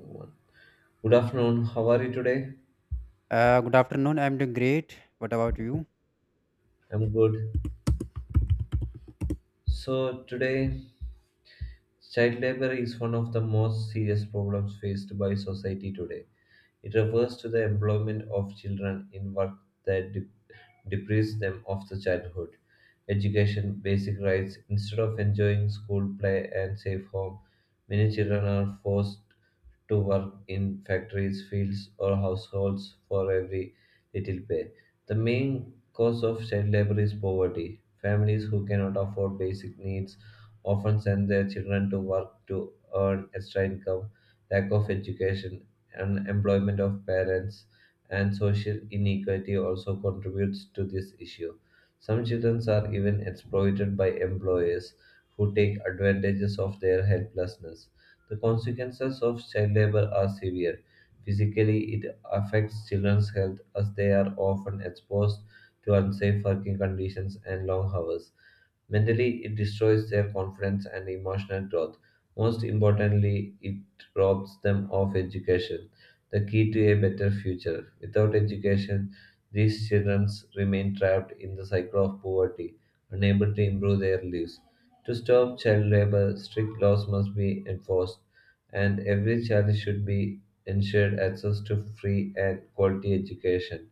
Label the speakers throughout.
Speaker 1: One. Good afternoon. How are you today?
Speaker 2: Good afternoon. I'm doing great. What about you?
Speaker 1: I'm good. So, today, child labor is one of the most serious problems faced by society today. It refers to the employment of children in work that deprives them of the childhood, education, basic rights. Instead of enjoying school, play, and safe home, many children are forced to work in factories, fields, or households for every little pay. The main cause of child labor is poverty. Families who cannot afford basic needs often send their children to work to earn extra income. Lack of education unemployment of parents, and social inequality also contributes to this issue. Some children are even exploited by employers who take advantages of their helplessness. The consequences of child labor are severe. Physically, it affects children's health as they are often exposed to unsafe working conditions and long hours. Mentally, it destroys their confidence and emotional growth. Most importantly, it robs them of education, the key to a better future. Without education, these children remain trapped in the cycle of poverty, unable to improve their lives. To stop child labor, strict laws must be enforced, and every child should be ensured access to free and quality education.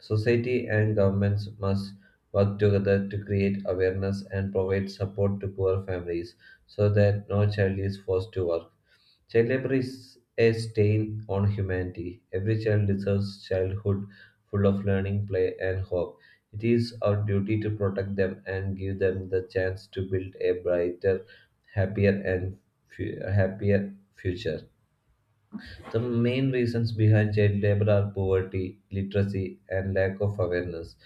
Speaker 1: Society and governments must work together to create awareness and provide support to poor families so that no child is forced to work. Child labor is a stain on humanity. Every child deserves childhood full of learning, play, and hope. It is our duty to protect them and give them the chance to build a brighter, happier, and happier future. The main reasons behind child labor are poverty, literacy, and lack of awareness.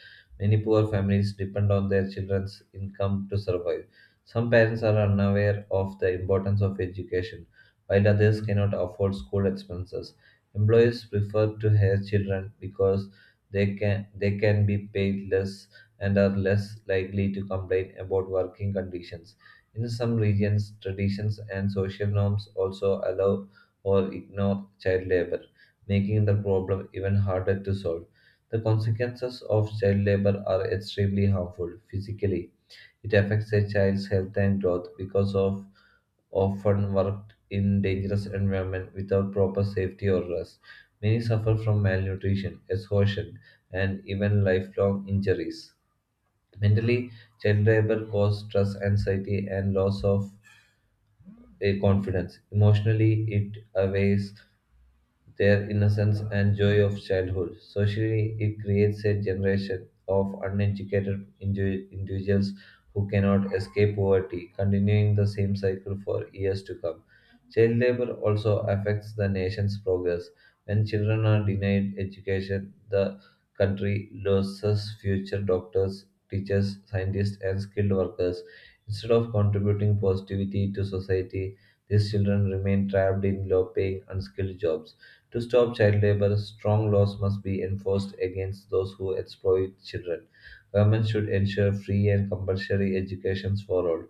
Speaker 1: Many poor families depend on their children's income to survive. Some parents are unaware of the importance of education, while others cannot afford school expenses. Employers prefer to hire children because they can be paid less and are less likely to complain about working conditions. In some regions, traditions and social norms also allow or ignore child labor, making the problem even harder to solve. The consequences of child labor are extremely harmful physically. It affects a child's health and growth because of often worked in dangerous environment without proper safety or rest. Many suffer from malnutrition, exhaustion, and even lifelong injuries. Mentally, child labor causes stress, anxiety, and loss of a confidence. Emotionally, it aways their innocence and joy of childhood. Socially, it creates a generation of uneducated individuals who cannot escape poverty, continuing the same cycle for years to come. Child labor also affects the nation's progress. When children are denied education, the country loses future doctors, teachers, scientists, and skilled workers. Instead of contributing positivity to society, these children remain trapped in low paying, unskilled jobs. To stop child labor, strong laws must be enforced against those who exploit children. Government should ensure free and compulsory education for all.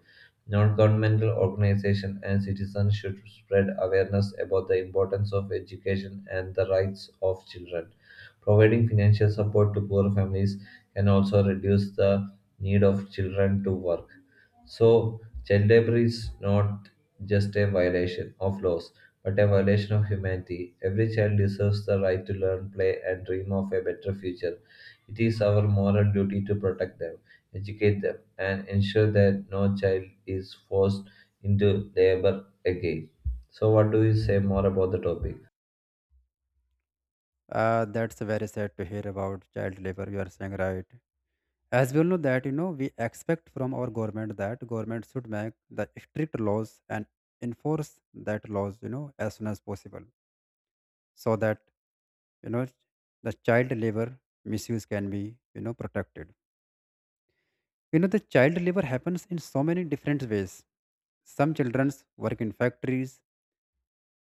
Speaker 1: Non-governmental organizations and citizens should spread awareness about the importance of education and the rights of children. Providing financial support to poor families can also reduce the need of children to work. So, child labor is not just a violation of laws, but a violation of humanity. Every child deserves the right to learn, play, and dream of a better future. It is our moral duty to protect them, educate them, and ensure that no child is forced into labor again. So, what do you say more about the topic?
Speaker 2: That's very sad to hear about child labor. You are saying right. As we all know that we expect from our government that government should make the strict laws and enforce that laws as soon as possible so that you know the child labor misuse can be protected. You know the child labor happens in so many different ways. Some children work in factories.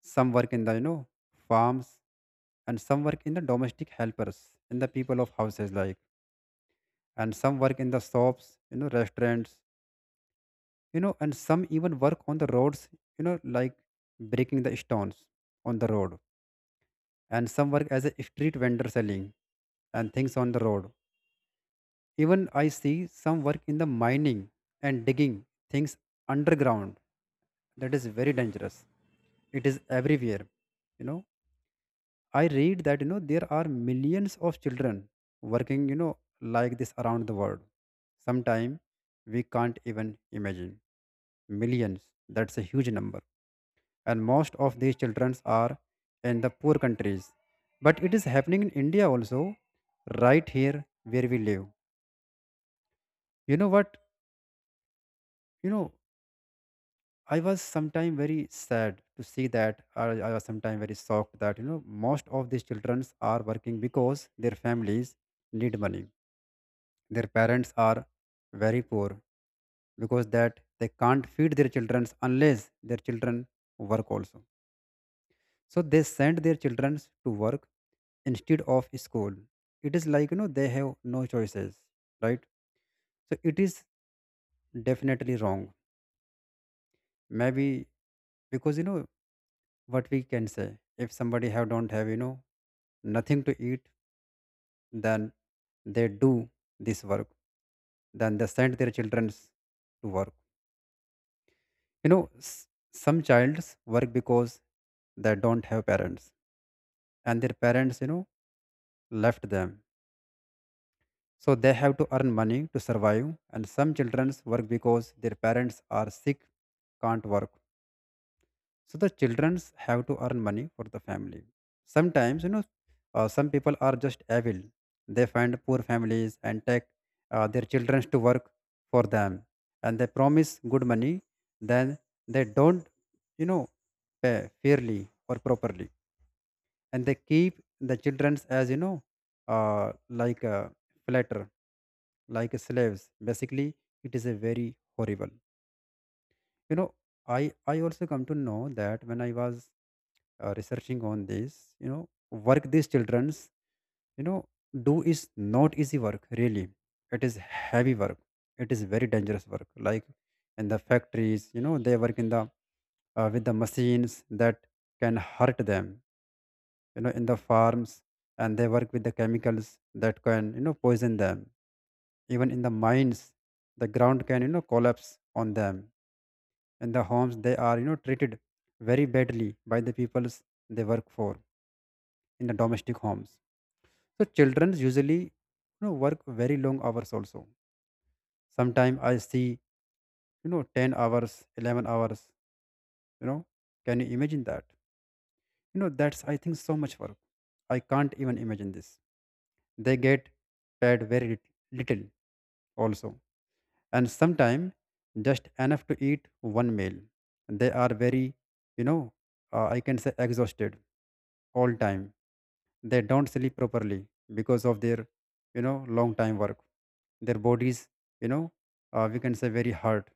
Speaker 2: Some work in the farms, and some work in the domestic helpers in the people of houses like, and some work in the shops, restaurants, and some even work on the roads, like breaking the stones on the road, and some work as a street vendor selling and things on the road. Even I see some work in the mining and digging things underground. That is very dangerous. It is everywhere, you know. I read that there are millions of children working like this around the world. Sometimes we can't even imagine millions. That's a huge number, and most of these children are in the poor countries. But it is happening in India also, right here where we live. You know what? You know I was sometime very sad to see that. I was sometime very shocked that most of these children are working because their families need money. Their parents are very poor, because that they can't feed their children unless their children work also. So they send their children to work instead of school. It is like, you know, they have no choices, right? So it is definitely wrong. Maybe because, what we can say, if somebody have don't have, nothing to eat, then they do this work, then they send their children to work. You know, s- some childs work because they don't have parents, and their parents, left them. So they have to earn money to survive. And some children work because their parents are sick, can't work. So the childrens have to earn money for the family. Sometimes, you know, some people are just evil. They find poor families and take their children to work for them, and they promise good money, then they don't, you know pay fairly or properly, and they keep the children as, uh, like a flatter, like slaves, basically. It is a very horrible, you know. I i also come to know that when I was researching on this, you know work these children's you know do is not easy work, really. It is heavy work. It is very dangerous work. Like in the factories, you know, they work in the, with the machines that can hurt them. You know, in the farms, and they work with the chemicals that can, you know, poison them. Even in the mines, the ground can, you know, collapse on them. In the homes, they are, you know, treated very badly by the peoples they work for in the domestic homes. So children usually, work very long hours also. Sometimes I see, 10 hours, 11 hours. You know, can you imagine that? That's, I think, so much work. I can't even imagine this. They get paid very little also, and sometimes just enough to eat one meal. They are very, you know I can say exhausted all time. They don't sleep properly because of their, long time work. Their bodies, you know we can say very hard,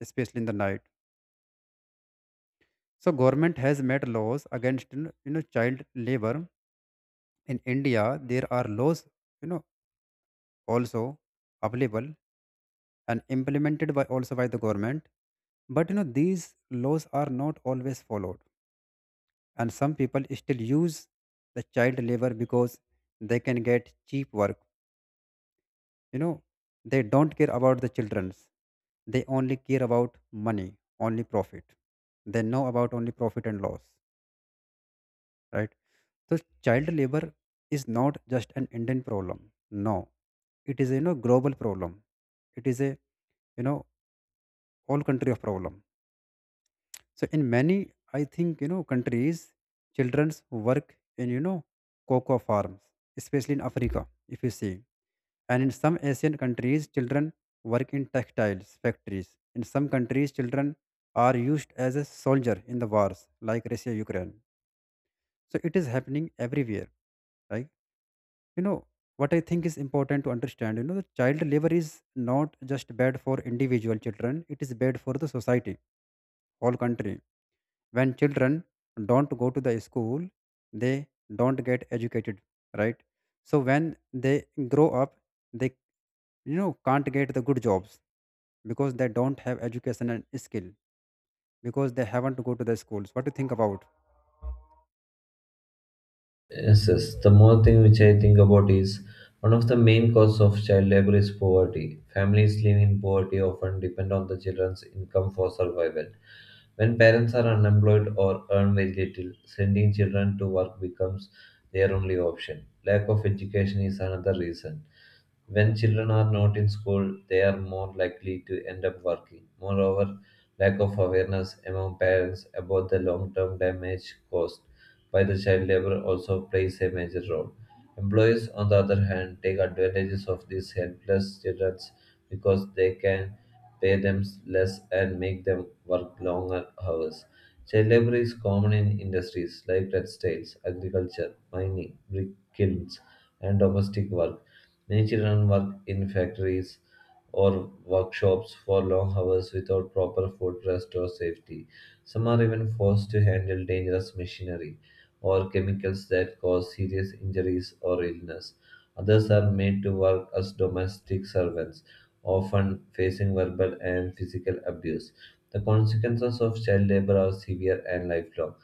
Speaker 2: especially in the night. So government has made laws against, child labor. In India there are laws, you know also available and implemented by also by the government. But, you know, these laws are not always followed, and some people still use the child labor because they can get cheap work, you know. They don't care about the children's. They only care about money, only profit. They know about only profit and loss, right? So child labor is not just an Indian problem. No, it is a, global problem. It is a, you know all country of problem. So in many, I think, countries, children's work in, cocoa farms, especially in Africa, if you see. And in some Asian countries, children work in textiles factories. In some countries, children are used as a soldier in the wars like Russia, Ukraine. So it is happening everywhere. Like, you know, what I think is important to understand, you know, the child labor is not just bad for individual children; it is bad for the society, whole country. When children don't go to the school, they don't get educated, right? So when they grow up, they, can't get the good jobs because they don't have education and skill, because they haven't go to the schools. What do you think about?
Speaker 1: Yes, yes. The more thing which I think about is one of the main causes of child labor is poverty. Families living in poverty often depend on the children's income for survival. When parents are unemployed or earn very little, sending children to work becomes their only option. Lack of education is another reason. When children are not in school, they are more likely to end up working. Moreover, lack of awareness among parents about the long term damage caused by the child labor also plays a major role. Employees, on the other hand, take advantages of these helpless children because they can pay them less and make them work longer hours. Child labor is common in industries like textiles, agriculture, mining, brick kilns, and domestic work. Many children work in factories or workshops for long hours without proper food, rest, or safety. Some are even forced to handle dangerous machinery or chemicals that cause serious injuries or illness. Others are made to work as domestic servants, often facing verbal and physical abuse. The consequences of child labor are severe and lifelong.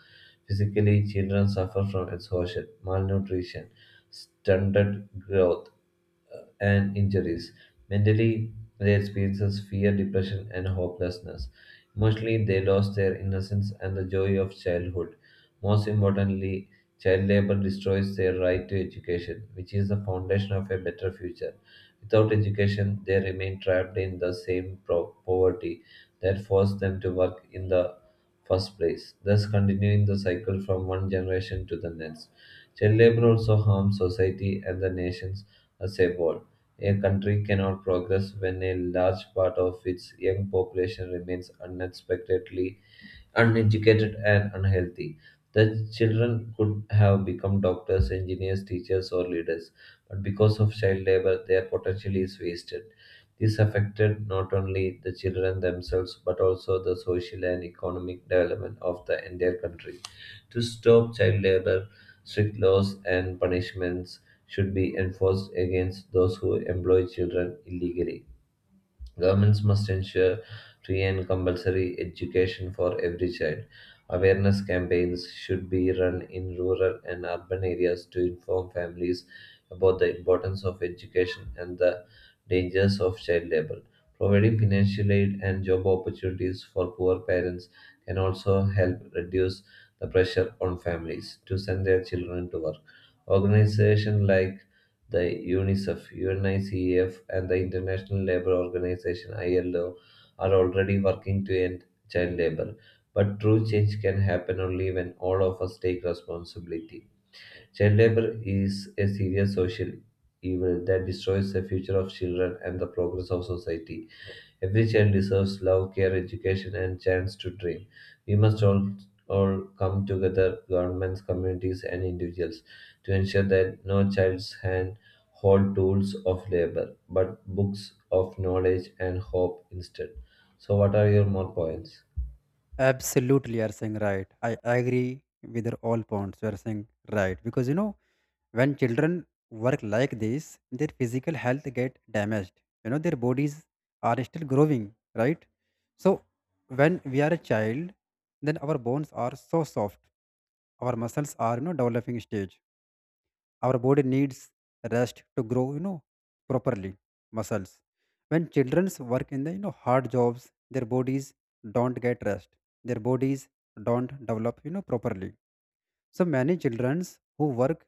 Speaker 1: Physically, children suffer from exhaustion, malnutrition, stunted growth, and injuries. Mentally, they experience fear, depression, and hopelessness. Emotionally, they lost their innocence and the joy of childhood. Most importantly, child labor destroys their right to education, which is the foundation of a better future. Without education, they remain trapped in the same poverty that forced them to work in the first place, thus continuing the cycle from one generation to the next. Child labor also harms society and the nations as a whole. A country cannot progress when a large part of its young population remains unexpectedly uneducated, and unhealthy. The children could have become doctors, engineers, teachers, or leaders, but because of child labor, their potential is wasted. This affected not only the children themselves but also the social and economic development of the entire country. To stop child labor, strict laws and punishments should be enforced against those who employ children illegally. Governments must ensure free and compulsory education for every child. Awareness campaigns should be run in rural and urban areas to inform families about the importance of education and the dangers of child labor. Providing financial aid and job opportunities for poor parents can also help reduce the pressure on families to send their children to work. Organizations like the UNICEF, and the International Labour Organization (ILO) are already working to end child labor. But true change can happen only when all of us take responsibility. Child labor is a serious social evil that destroys the future of children and the progress of society. Every child deserves love, care, education, and chance to dream. We must all come together, governments, communities, and individuals, to ensure that no child's hand hold tools of labor, but books of knowledge and hope instead. So, what are your more points?
Speaker 2: Absolutely, you are saying right. I agree with your all points you are saying right, because, you know, when children work like this, their physical health get damaged. You know, their bodies are still growing, right? So when we are a child, then our bones are so soft. Our muscles are, you know, developing stage. Our body needs rest to grow, you know, properly. Muscles. When children work in the, you know, hard jobs, their bodies don't get rest. Their bodies don't develop, you know, properly. So many children who work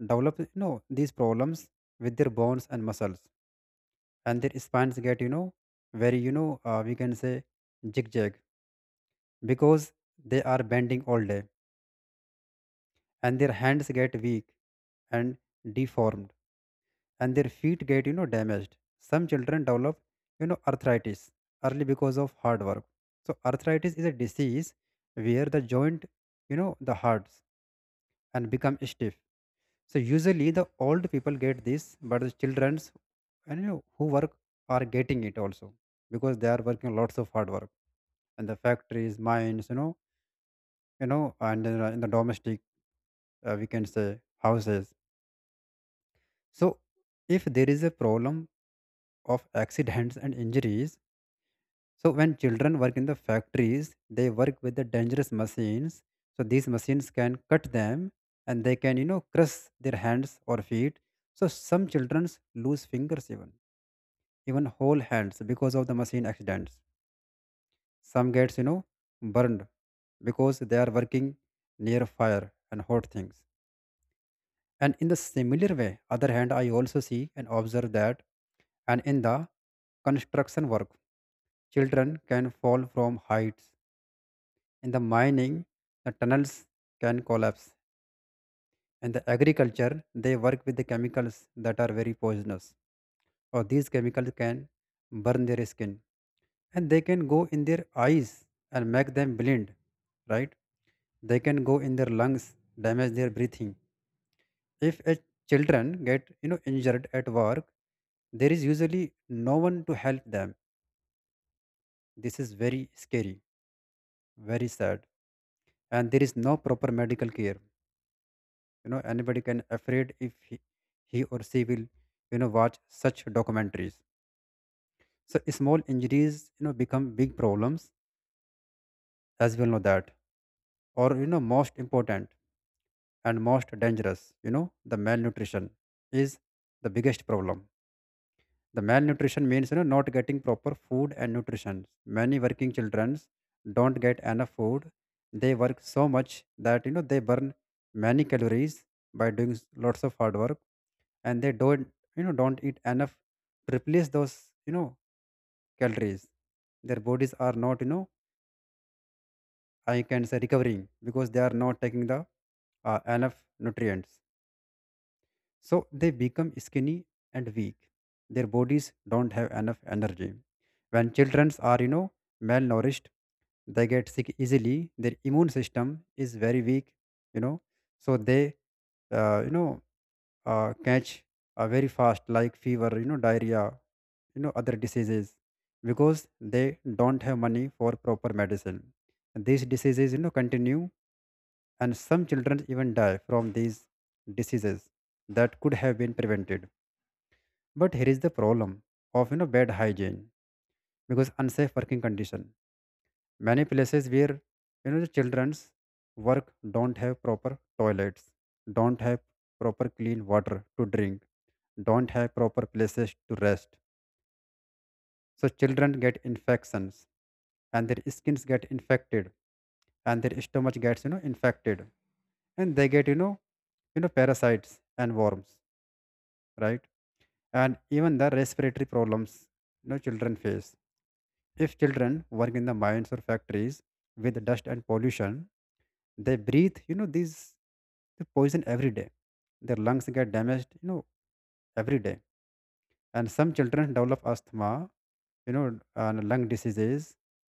Speaker 2: develop, these problems with their bones and muscles, and their spines get, you know very you know we can say zigzag, because they are bending all day, and their hands get weak and deformed, and their feet get, damaged. Some children develop, arthritis early because of hard work. So arthritis is a disease where the joint, the hurts and become stiff. So usually the old people get this, but the childrens, and, you know, who work are getting it also, because they are working lots of hard work in the factories, mines, you know, and in, in the domestic, we can say houses. So if there is a problem of accidents and injuries, so when children work in the factories, they work with the dangerous machines. So these machines can cut them, and they can, you know, crush their hands or feet. So some children lose fingers even, whole hands because of the machine accidents. Some gets, you know, burned because they are working near fire and hot things. And in the similar way, other hand, I also see and observe that, and in the construction work, children can fall from heights. In the mining, the tunnels can collapse. In the agriculture, they work with the chemicals that are very poisonous, or these chemicals can burn their skin, and they can go in their eyes and make them blind, right? They can go in their lungs, damage their breathing. If a children get, injured at work, there is usually no one to help them. This is very scary, very sad, and there is no proper medical care. You know, anybody can afraid if he or she will, watch such documentaries. So small injuries, become big problems, as we all know that. Or, you know, most important and most dangerous, you know, the malnutrition is the biggest problem. The malnutrition means, you know, not getting proper food and nutrition. Many working children don't get enough food. They work so much that, you know, they burn many calories by doing lots of hard work, and they don't, don't eat enough to replace those, you know calories. Their bodies are not, I can say recovering, because they are not taking the, enough nutrients. So they become skinny and weak. Their bodies don't have enough energy. When children are, you know, malnourished, they get sick easily. Their immune system is very weak, you know, so they, uh, you know, catch very fast, like fever, you know, diarrhea, you know, other diseases, because they don't have money for proper medicine. And these diseases, you know, continue, and some children even die from these diseases that could have been prevented. But here is the problem of, bad hygiene, because unsafe working condition. Many places where, the children's work don't have proper toilets, don't have proper clean water to drink, don't have proper places to rest. So children get infections and their skins get infected and their stomach gets infected and they get parasites and worms, right? And even the respiratory problems children face. If children work in the mines or factories with dust and pollution, they breathe, the poison every day. Their lungs get damaged, every day. And some children develop asthma, and lung diseases,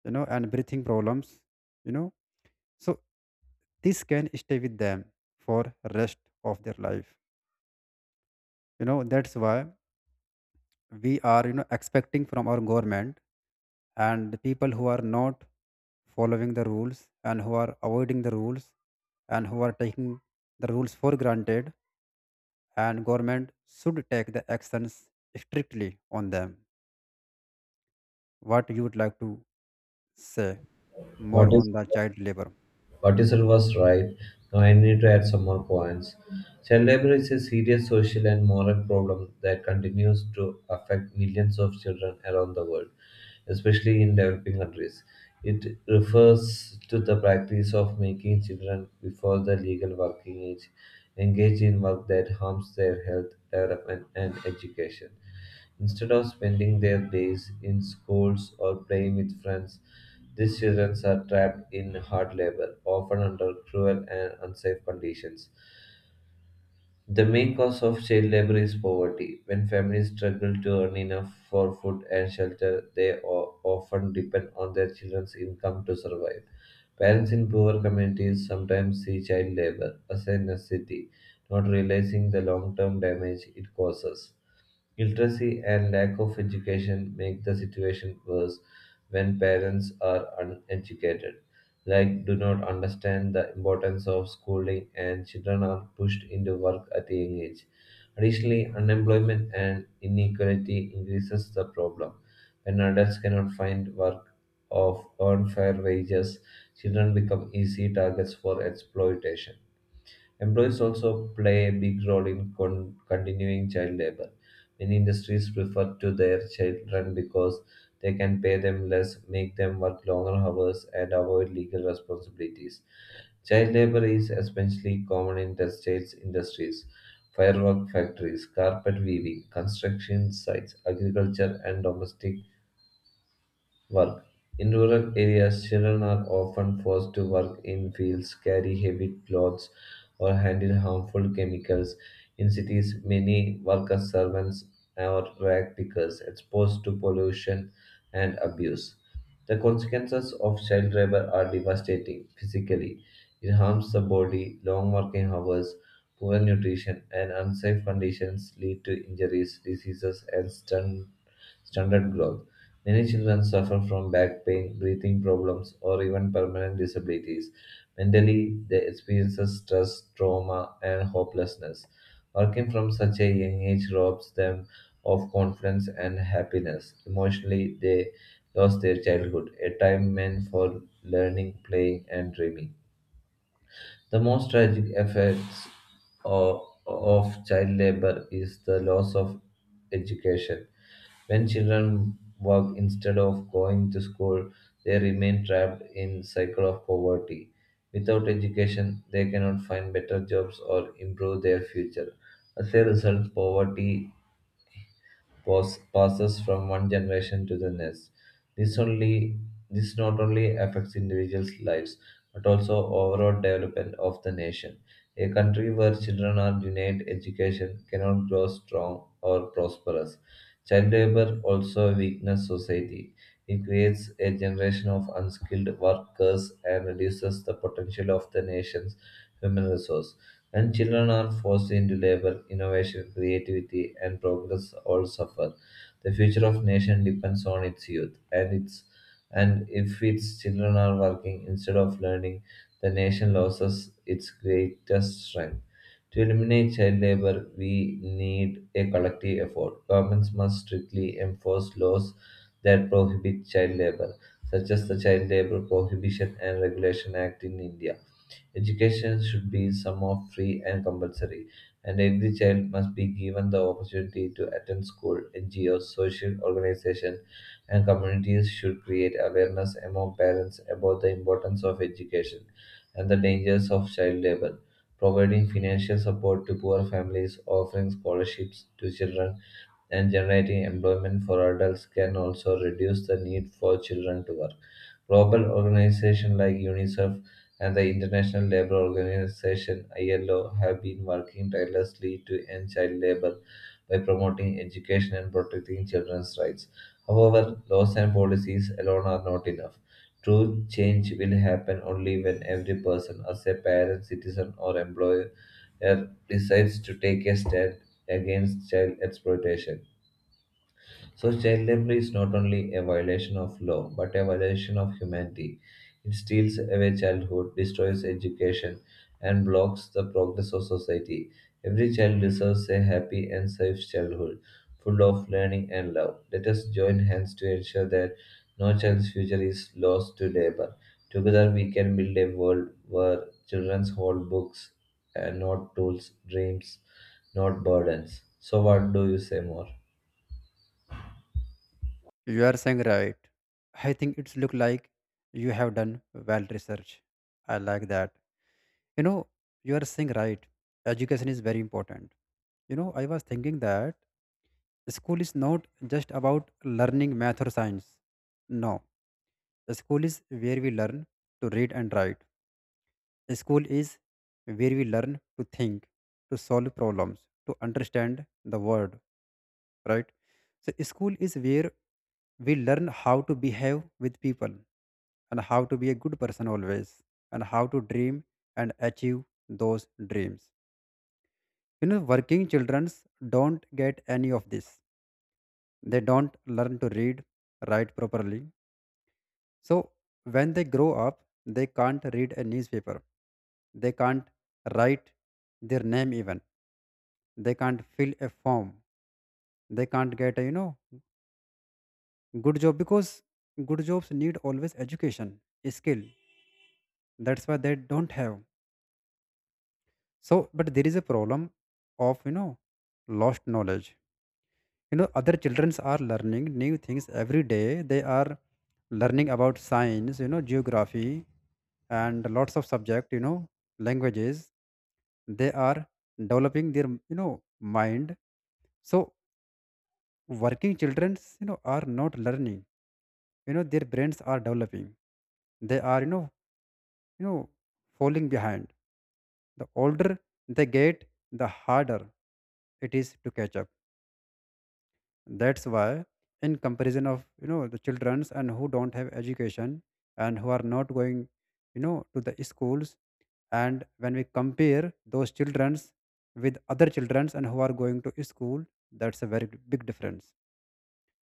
Speaker 2: and breathing problems, you know. So this can stay with them for rest of their life. You know, that's why we are expecting from our government, and the people who are not following the rules and who are avoiding the rules and who are taking the rules for granted, and government should take the actions strictly on them. What you would like to say
Speaker 1: What
Speaker 2: more
Speaker 1: is
Speaker 2: on the child labor.
Speaker 1: Cortisol was right. Now I need to add some more points. Child labor is a serious social and moral problem that continues to affect millions of children around the world, especially in developing countries. It refers to the practice of making children before the legal working age engage in work that harms their health, development, and education. Instead of spending their days in schools or playing with friends, these children are trapped in hard labor, often under cruel and unsafe conditions. The main cause of child labor is poverty. When families struggle to earn enough for food and shelter, they often depend on their children's income to survive. Parents in poor communities sometimes see child labor as a necessity, not realizing the long term damage it causes. Illiteracy and lack of education make the situation worse when parents are uneducated, like do not understand the importance of schooling, and children are pushed into work at a young age. Additionally, unemployment and inequality increases the problem. When adults cannot find work of earn fair wages, children become easy targets for exploitation. Employees also play a big role in continuing child labor. Many industries prefer to their children because they can pay them less, make them work longer hours, and avoid legal responsibilities. Child labor is especially common in textiles industries, firework factories, carpet weaving, construction sites, agriculture, and domestic work. In rural areas, children are often forced to work in fields, carry heavy clothes, or handle harmful chemicals. In cities, many work as servants or rag pickers, exposed to pollution and abuse. The consequences of child labor are devastating physically. It harms the body, long working hours, poor nutrition, and unsafe conditions lead to injuries, diseases, and stunted growth. Many children suffer from back pain, breathing problems, or even permanent disabilities. Mentally, they experience stress, trauma, and hopelessness. Working from such a young age robs them of confidence and happiness. Emotionally, they lost their childhood, a time meant for learning, playing, and dreaming. The most tragic effects of, of child labor is the loss of education. When children work instead of going to school, they remain trapped in cycle of poverty. Without education, they cannot find better jobs or improve their future. As a result, poverty passes from one generation to the next. This only this not only affects individuals' lives but also overall development of the nation. A country where children are denied education cannot grow strong or prosperous. Child labor also weakens society. It creates a generation of unskilled workers and reduces the potential of the nation's human resource. When children are forced into labor, innovation, creativity, and progress all suffer. The future of nation depends on its youth, and if its children are working instead of learning, the nation loses its greatest strength. To eliminate child labor, we need a collective effort. Governments must strictly enforce laws that prohibit child labor, such as the Child Labor Prohibition and Regulation Act in India. Education should be somehow free and compulsory, and every child must be given the opportunity to attend school. NGOs, social organizations, and communities should create awareness among parents about the importance of education and the dangers of child labor providing financial support to poor families, offering scholarships to children and generating employment for adults can also reduce the need for children to work. Global organizations like UNICEF and the International Labour Organization ILO have been working tirelessly to end child labour by promoting education and protecting children's rights. However, laws and policies alone are not enough. True change will happen only when every person, as a parent, citizen, or employer, decides to take a stand against child exploitation. So, child labor is not only a violation of law, but a violation of humanity. It steals away childhood, destroys education, and blocks the progress of society. Every child deserves a happy and safe childhood, full of learning and love. Let us join hands to ensure that no child's future is lost to labor. Together, we can build a world where children hold books and not tools, dreams, not burdens. So, what do you say more?
Speaker 2: You are saying right. I think it's look like you have done well research. I like that. You know, you are saying right. Education is very important. You know, I was thinking that school is not just about learning math or science. No, school is where we learn to read and write. School is where we learn to think, to solve problems, to understand the world, right? So, school is where we learn how to behave with people and how to be a good person always and how to dream and achieve those dreams. You know, working children don't get any of this. They don't learn to read, write properly. So when they grow up, they can't read a newspaper, they can't write their name even, they can't fill a form, they can't get a good job because good jobs need always education, skill. That's why they don't have. So but there is a problem of lost knowledge. You know, other childrens are learning new things every day. They are learning about science, geography, and lots of subject, languages. They are developing their mind. So working children are not learning, their brains are developing. They are you know falling behind. The older they get, the harder it is to catch up. That's why in comparison of the childrens and who don't have education and who are not going to the schools, and when we compare those childrens with other childrens and who are going to school, that's a very big difference.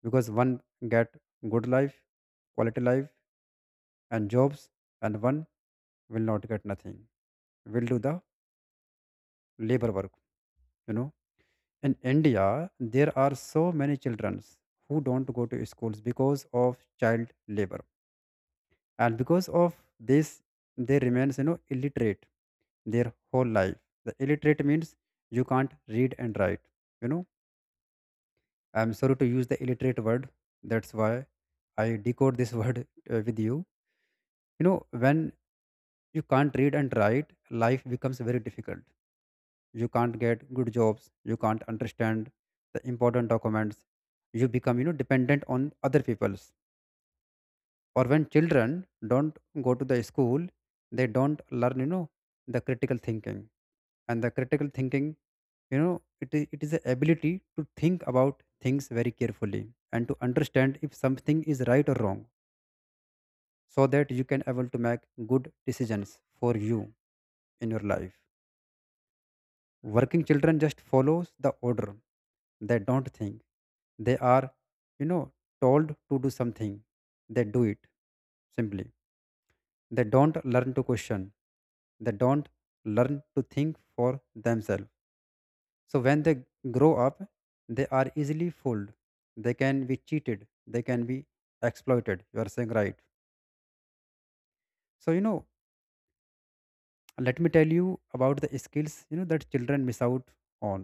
Speaker 2: Because one get good life, quality life, and jobs, and one will not get nothing, will do the labor work, you know. In India, there are so many children who don't go to schools because of child labor. And because of this, they remains, illiterate their whole life. The illiterate means you can't read and write. You know, I'm sorry to use the illiterate word. That's why I decode this word with you. You know, when you can't read and write, life becomes very difficult. You can't get good jobs, you can't understand the important documents, you become dependent on other people's. Or when children don't go to the school, they don't learn the critical thinking. And the critical thinking, it is the ability to think about things very carefully and to understand if something is right or wrong, so that you can able to make good decisions for you in your life. Working children just follows the order. They don't think. They are, you know, told to do something. They do it simply. They don't learn to question. They don't learn to think for themselves. So when they grow up, they are easily fooled. They can be cheated. They can be exploited. You are saying right. So let me tell you about the skills that children miss out on.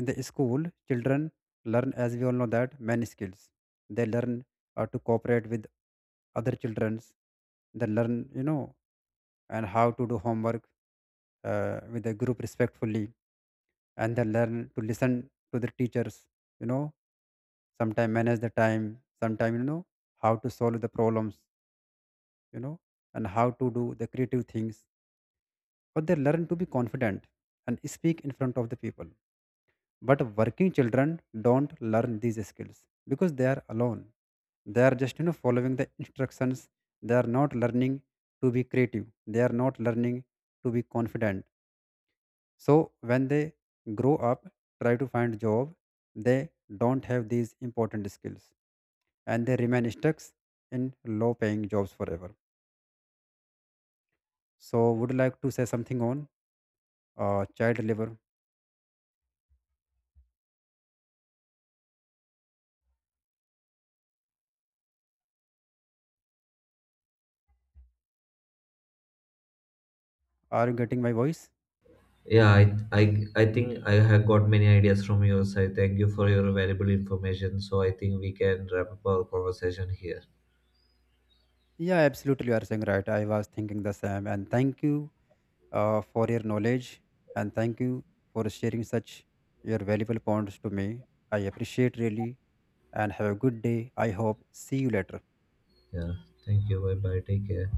Speaker 2: In the school children learn, as we all know, that many skills they learn to cooperate with other childrens. They learn and how to do homework with the group respectfully, and they learn to listen to the teachers, you know sometime manage the time. Sometimes how to solve the problems, you know and how to do the creative things, or they learn to be confident and speak in front of the people. But working children don't learn these skills because they are alone. They are just following the instructions. They are not learning to be creative. They are not learning to be confident. So when they grow up, try to find job, they don't have these important skills and they remain stuck in low paying jobs forever. So would you like to say something on child labor? Are you getting my voice?
Speaker 1: Yeah, I think I have got many ideas from your side. Thank you for your valuable information. So I think we can wrap up our conversation here.
Speaker 2: Yeah, absolutely. You are saying right. I was thinking the same. And thank you for your knowledge and thank you for sharing such your valuable points to me. I appreciate really and have a good day. I hope. See you later.
Speaker 1: Yeah, thank you. Bye bye. Take care.